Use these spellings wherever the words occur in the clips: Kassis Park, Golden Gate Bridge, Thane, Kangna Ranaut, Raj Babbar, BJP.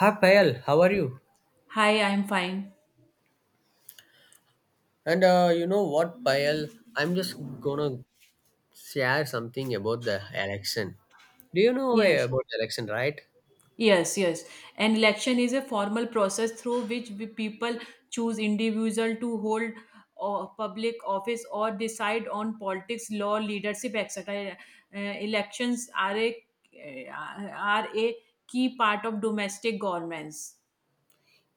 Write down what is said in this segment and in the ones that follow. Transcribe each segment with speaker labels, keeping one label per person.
Speaker 1: Hi Payal, how are you?
Speaker 2: Hi, I'm fine.
Speaker 1: And you know what, Payal? I'm just gonna share something about the election. Do you know
Speaker 2: Yes.
Speaker 1: about the election, right?
Speaker 2: Yes, yes. An election is a formal process through which we people choose individual to hold public office or decide on politics, law, leadership, etc. Elections uh, are a key part of domestic governments.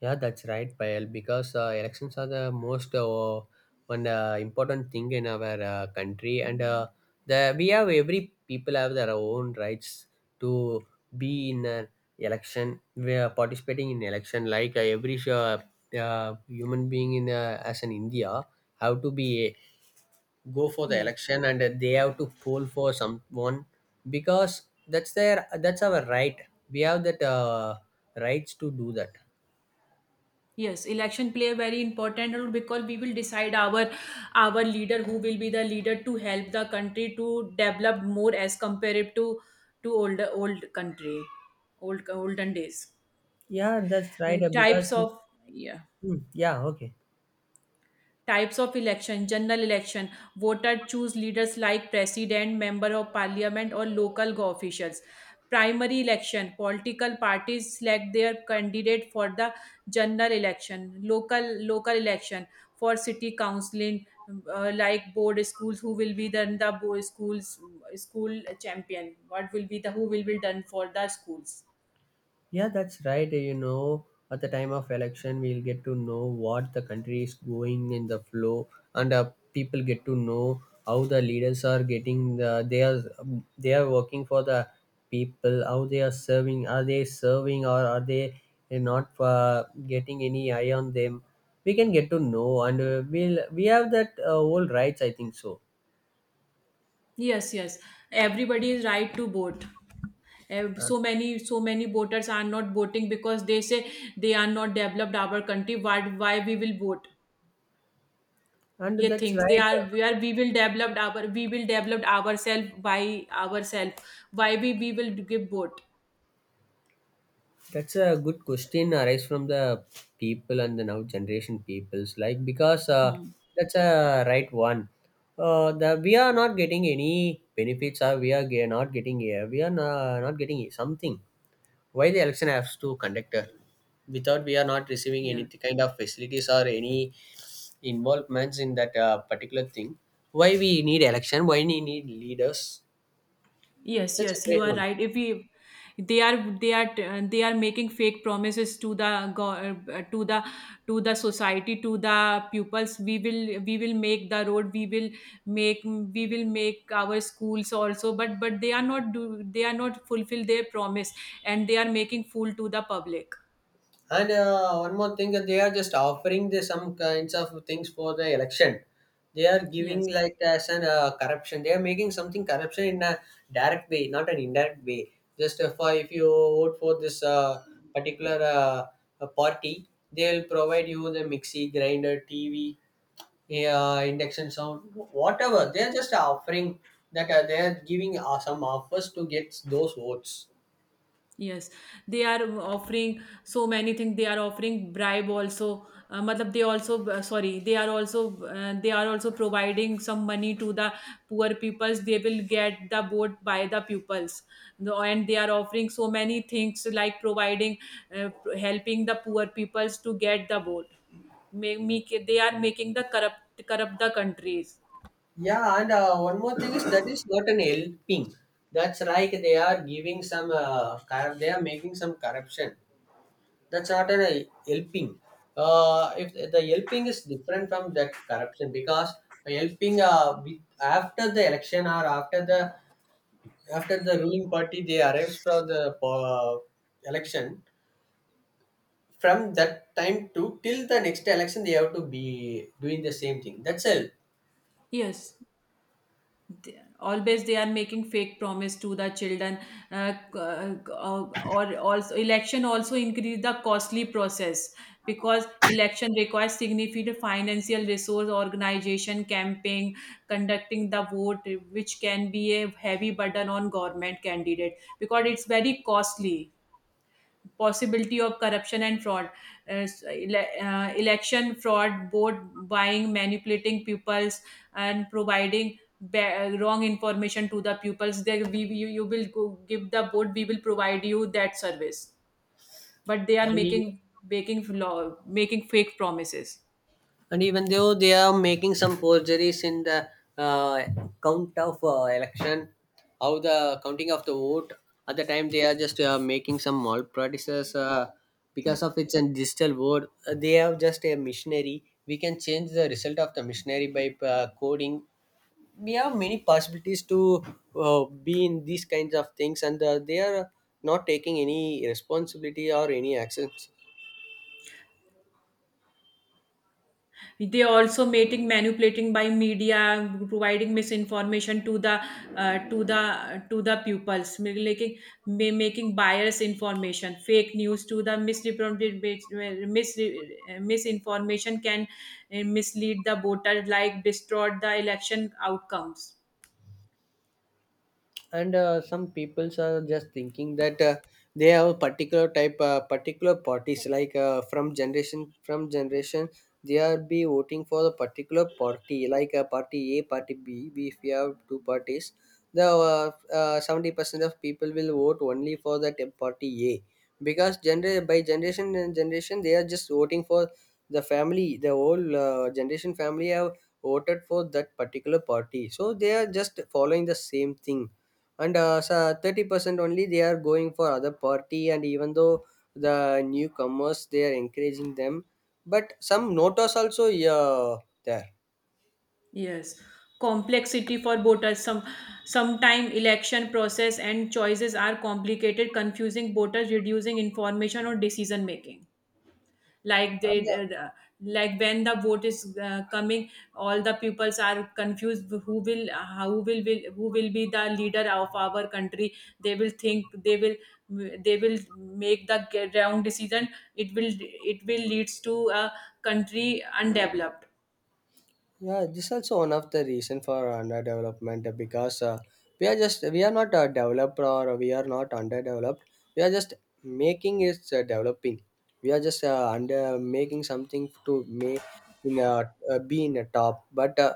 Speaker 1: Yeah, that's right, Payal. Because elections are the most one important thing in our country, and the we have every people have their own rights to be in an election. We are participating in election like every human being in as an India have to be go for the
Speaker 2: Yeah.
Speaker 1: election and they have to poll for someone because that's our right we have that rights to do that.
Speaker 2: Yes, election play a very important role because we will decide our leader who will be the leader to help the country to develop more as compared to older old country, old olden days.
Speaker 1: Yeah, that's right.
Speaker 2: The types
Speaker 1: Because,
Speaker 2: of yeah
Speaker 1: mm, yeah, okay.
Speaker 2: types of election general election voter choose leaders like president member of parliament or local go- officials primary election political parties select their candidate for the general election local election for city council like board schools who will be then the board schools school champion what will be the who will be done for the schools.
Speaker 1: Yeah, that's right. You know, at the time of election, we'll get to know what the country is going in the flow, and people get to know how the leaders are getting they are working for the people, how they are serving, are they serving or are they not getting any eye on them? We can get to know, and we have that whole rights. I think so.
Speaker 2: Yes, yes. Everybody is right to vote.
Speaker 1: Uh,
Speaker 2: So many, so many voters are not voting because they say they are not developed our country. Why we will vote? ये
Speaker 1: and that's right.
Speaker 2: things they are we will develop our we will develop ourselves by ourselves. Why we will give vote?
Speaker 1: That's a good question arise from the people and the now generation peoples because
Speaker 2: Hmm.
Speaker 1: that's a right one. The We are not getting any benefits or not getting not getting something. Why the election has to conduct without we are not receiving any
Speaker 2: Yeah.
Speaker 1: kind of facilities or any involvements in that particular thing. Why we need election? Why we need leaders?
Speaker 2: Yes,
Speaker 1: That's a
Speaker 2: yes, you
Speaker 1: great
Speaker 2: are
Speaker 1: one.
Speaker 2: right. If we, they are they are making fake promises to the go- to the society to the pupils. We will make the road. We will make our schools also. But they are not do they are not fulfill their promise and they are making fool to the public.
Speaker 1: And One more thing, that they are just offering the some kinds of things for the election. They are
Speaker 2: Yes.
Speaker 1: giving like as an corruption. They are making something corruption in a direct way, not an indirect way. Just For if you vote for this particular party, they will provide you the mixie, grinder, TV, induction sound, whatever. They are just offering that they are giving some offers to get those votes.
Speaker 2: Yes, they are offering so many things. They are offering bribe also. Matlab they also sorry. They are also providing some money to the poor peoples. They will get the vote by the pupils. The- and they are offering so many things like providing uh, helping the poor peoples to get the vote. Make, make they are making the corrupt corrupt the countries.
Speaker 1: Yeah, and one more thing is that is not an helping. That's like they are giving some, they are making some corruption. That's not an helping. If the helping is different from that corruption because helping after the election or after the ruling party they arrives from the election from that time to till the next election they have to be doing the same thing. That's help.
Speaker 2: Yes, they- always they are making fake promise to the children c- or also election also increase the costly process because election requires significant financial resource organization camping conducting the vote which can be a heavy burden on government candidate because it's very costly possibility of corruption and fraud s- ele- election fraud vote buying manipulating pupils and providing ba- wrong information to the pupils they we, you will go, give the board we will provide you that service but they are
Speaker 1: And
Speaker 2: making making law making fake promises.
Speaker 1: And even though they are making some forgeries in the uh, count of election, how the counting of the vote at the time they are just making some malpractices because of it's a digital vote. They have just a missionary. We can change the result of the missionary by coding. We have many possibilities to be in these kinds of things, and they are not taking any responsibility or any actions.
Speaker 2: They are also mating manipulating by media providing misinformation to the to the to the pupils making ma- making biased information fake news to the misrepresented mis, misinformation can mislead the voter like distort the election outcomes.
Speaker 1: And some peoples are just thinking that they have a particular parties like from generation from generation they are be voting for the particular party like a party b if we have two parties the 70% of people will vote only for that party a because by generation and generation they are just voting for the family the whole generation family have voted for that particular party so they are just following the same thing and so 30% only they are going for other party and even though the newcomers they are encouraging them. But some notas also yeah there.
Speaker 2: Yes, complexity for voters some sometime election process and choices are complicated confusing voters reducing information or decision making like they
Speaker 1: And, uh,
Speaker 2: like when the vote is coming all the peoples are confused who will who will be the leader of our country. They will think they will make the wrong decision. It will it will leads to a country undeveloped.
Speaker 1: yeah, this also one of the reason for underdevelopment because we are not developed or we are not underdeveloped. We are just making it developing. We are just under making something to may in a, be in a top. But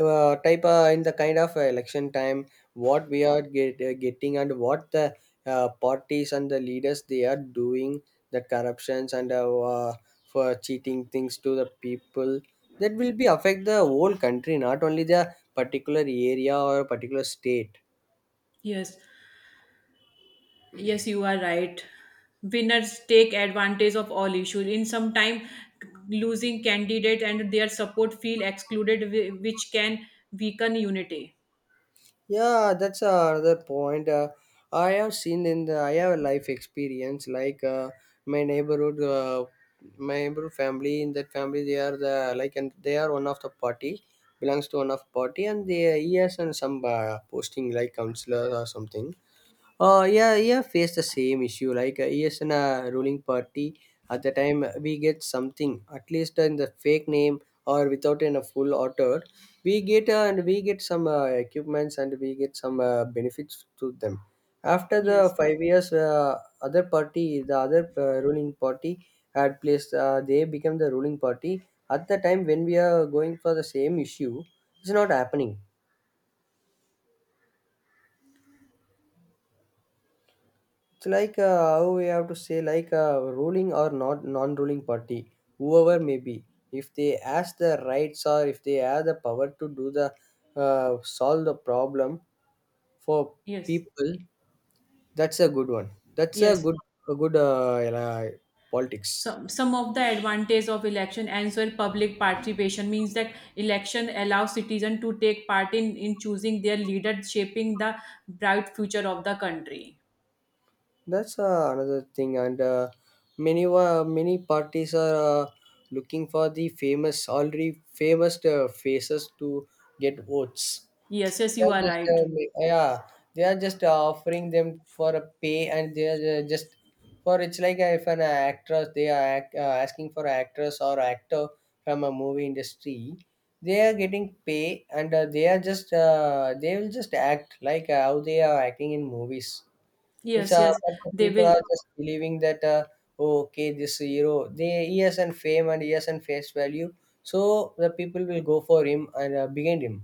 Speaker 1: type in the kind of election time what we are getting and what the parties and the leaders they are doing the corruptions and for cheating things to the people that will be affect the whole country not only the particular area or particular state.
Speaker 2: Yes, yes, you are right. Winners take advantage of all issues in some time losing candidate and their support feel excluded whi- which can weaken unity.
Speaker 1: Yeah, that's another point. I have seen in the I have a life experience like uh, my neighborhood family. In that family, they are the like and they are one of the party belongs to one of party, and they he has and some posting like counselor or something. Yeah, yeah, face the same issue. Like yes, in a ruling party, at the time we get something at least in the fake name or without in a full author, we get some equipments and we get some benefits to them. After
Speaker 2: Yes,
Speaker 1: the 5 years, other party, the other ruling party had placed. They become the ruling party. At the time when we are going for the same issue, it's not happening. It's like how we have to say like a ruling or not non-ruling party, whoever may be. If they ask the rights or if they have the power to do the solve the problem for
Speaker 2: yes,
Speaker 1: people, that's a good one. That's
Speaker 2: yes.
Speaker 1: a good politics.
Speaker 2: Some of the advantage of election and so public participation means that election allows citizens to take part in choosing their leader, shaping the bright future of the country.
Speaker 1: That's another thing, and many parties are looking for the famous faces to get votes.
Speaker 2: Yes, yes,
Speaker 1: They
Speaker 2: you
Speaker 1: are
Speaker 2: are right.
Speaker 1: yeah, they are just offering them for a pay and they are just for it's like if an actress they are act, asking for an actress or actor from a movie industry. They are getting pay and they are just they will just act like how they are acting in movies. It's
Speaker 2: Yes, yes,
Speaker 1: but the
Speaker 2: they
Speaker 1: people
Speaker 2: will.
Speaker 1: are just believing that oh, okay, this hero they he has and fame and he has and face value so the people will go for him and behind him.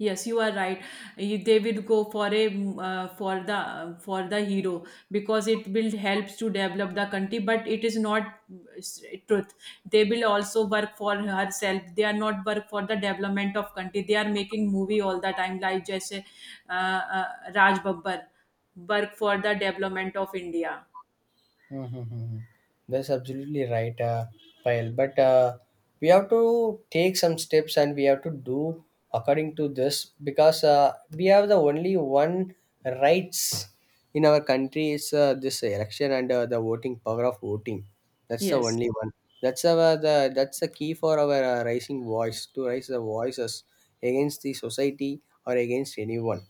Speaker 2: Yes, you are right. You- they will go for a mm, for the hero because it will helps to develop the country. But it is not s- truth. They will also work for herself. They are not work for the development of country. They are making movie all the time, like just Raj Babbar work for the development of India.
Speaker 1: Mm-hmm. That's absolutely right, Payal. But we have to take some steps and we have to do according to this because we have the only one rights in our country is this election and the voting power of voting. That's the
Speaker 2: Yes,
Speaker 1: only one. That's our the that's the key for our rising voice to raise the voices against the society or against anyone.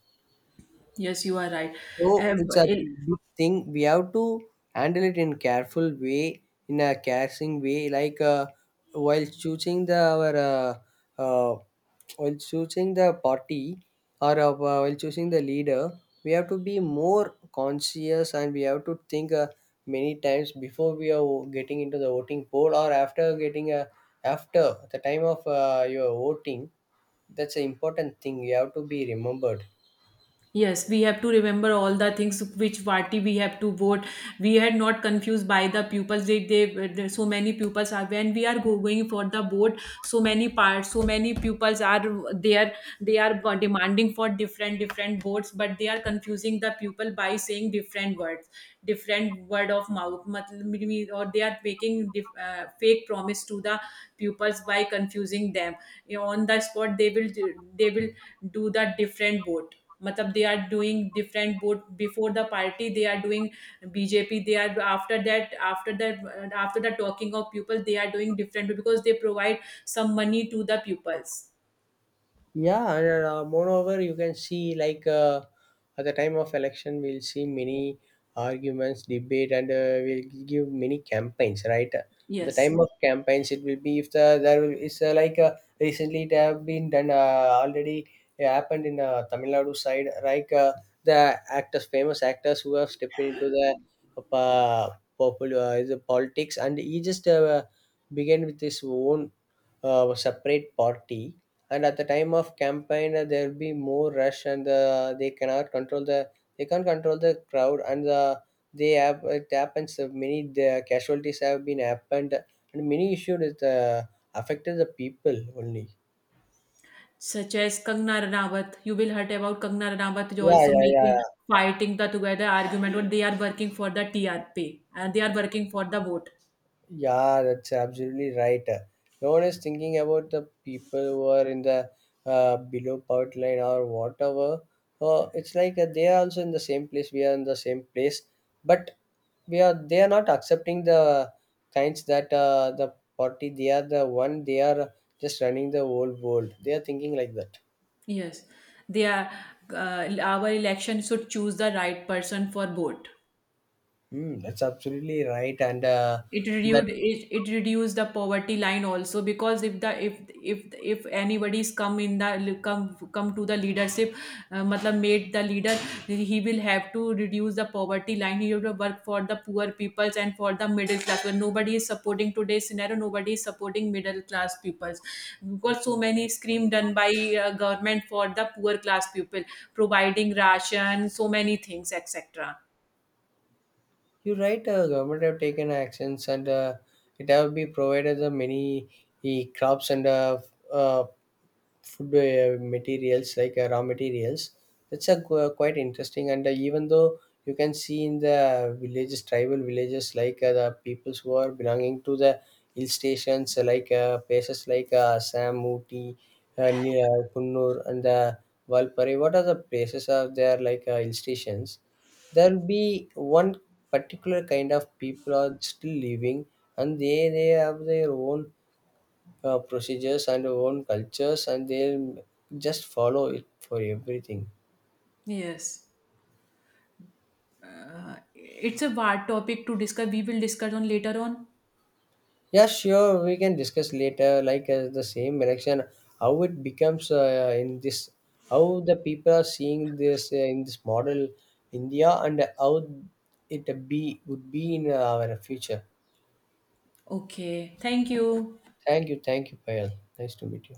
Speaker 2: yes, you are right.
Speaker 1: So
Speaker 2: Uh,
Speaker 1: it's a good thing. We have to handle it in careful way, in a casting way, like while choosing the our uh, while choosing the party or while choosing the leader, we have to be more conscious and we have to think many times before we are getting into the voting poll or after getting a after the time of your voting. That's an important thing. You have to be remembered.
Speaker 2: Yes, we have to remember all the things which party we have to vote. We had not confused by the pupils. They, there- so many pupils are when we are go- going for the vote. So many parts, so many pupils are there. They are demanding for different different votes, but they are confusing the pupil by saying different words, different word of mouth. मतलब Or they are making dif- fake promise to the pupils by confusing them. You know, on the spot, they will do the different vote matlab they are doing different both before the party they are doing BJP they are after that after that after the talking of people they are doing different because they provide some money to the pupils.
Speaker 1: Yeah, and moreover, you can see like at the time of election, we'll see many arguments, debate, and we'll give many campaigns. Right at the
Speaker 2: Yes,
Speaker 1: time of campaigns, it will be if is recently it have been done already happened in Tamil Nadu side. Like the actors, famous actors who have stepped into the uh, popular is the politics, and he just began with his own separate party and at the time of campaign there'll be more rush and they can't control the crowd and the they have it happens many the casualties have been happened and many issues is affected the people only.
Speaker 2: such as Kangna Ranaut. You will heard about Kangna Ranaut is also making
Speaker 1: Yeah,
Speaker 2: fighting the together argument when they are working for the TRP and they are working for the vote.
Speaker 1: yeah, that's absolutely right. No one is thinking about the people who are in the below poverty line or whatever. It's like they are also in the same place we are in the same place but we are they are not accepting the kinds that the party they are the one they are just running the whole world they are thinking like that.
Speaker 2: Yes, they are. Our election should choose the right person for vote.
Speaker 1: Mm, that's absolutely right and
Speaker 2: It reduced it, it reduced the poverty line also because if the if anybody's come in the come come to the leadership matlab made the leader he will have to reduce the poverty line he have to work for the poor peoples and for the middle class when nobody is supporting today's scenario nobody is supporting middle class peoples. We've got so many scheme done by government for the poor class people providing ration so many things etc.
Speaker 1: you're right. Government have taken actions, and it have been provided the many crops and uh, food materials like raw materials. That's a quite interesting. And even though you can see in the villages, tribal villages, like the peoples who are belonging to the hill stations, places like Assam, Ooty, Kunnur, and the Valpari. What are the places are there like hill stations? There'll be one particular kind of people are still living and they have their own procedures and own cultures and they'll just follow it for everything.
Speaker 2: Yes, it's a wide topic to discuss. We will discuss on later on.
Speaker 1: Yeah, sure, we can discuss later like the same election how it becomes in this how the people are seeing this in this model india and how it be would be in our future.
Speaker 2: Okay. Thank you.
Speaker 1: Thank you, thank you, Payal. Nice to meet you.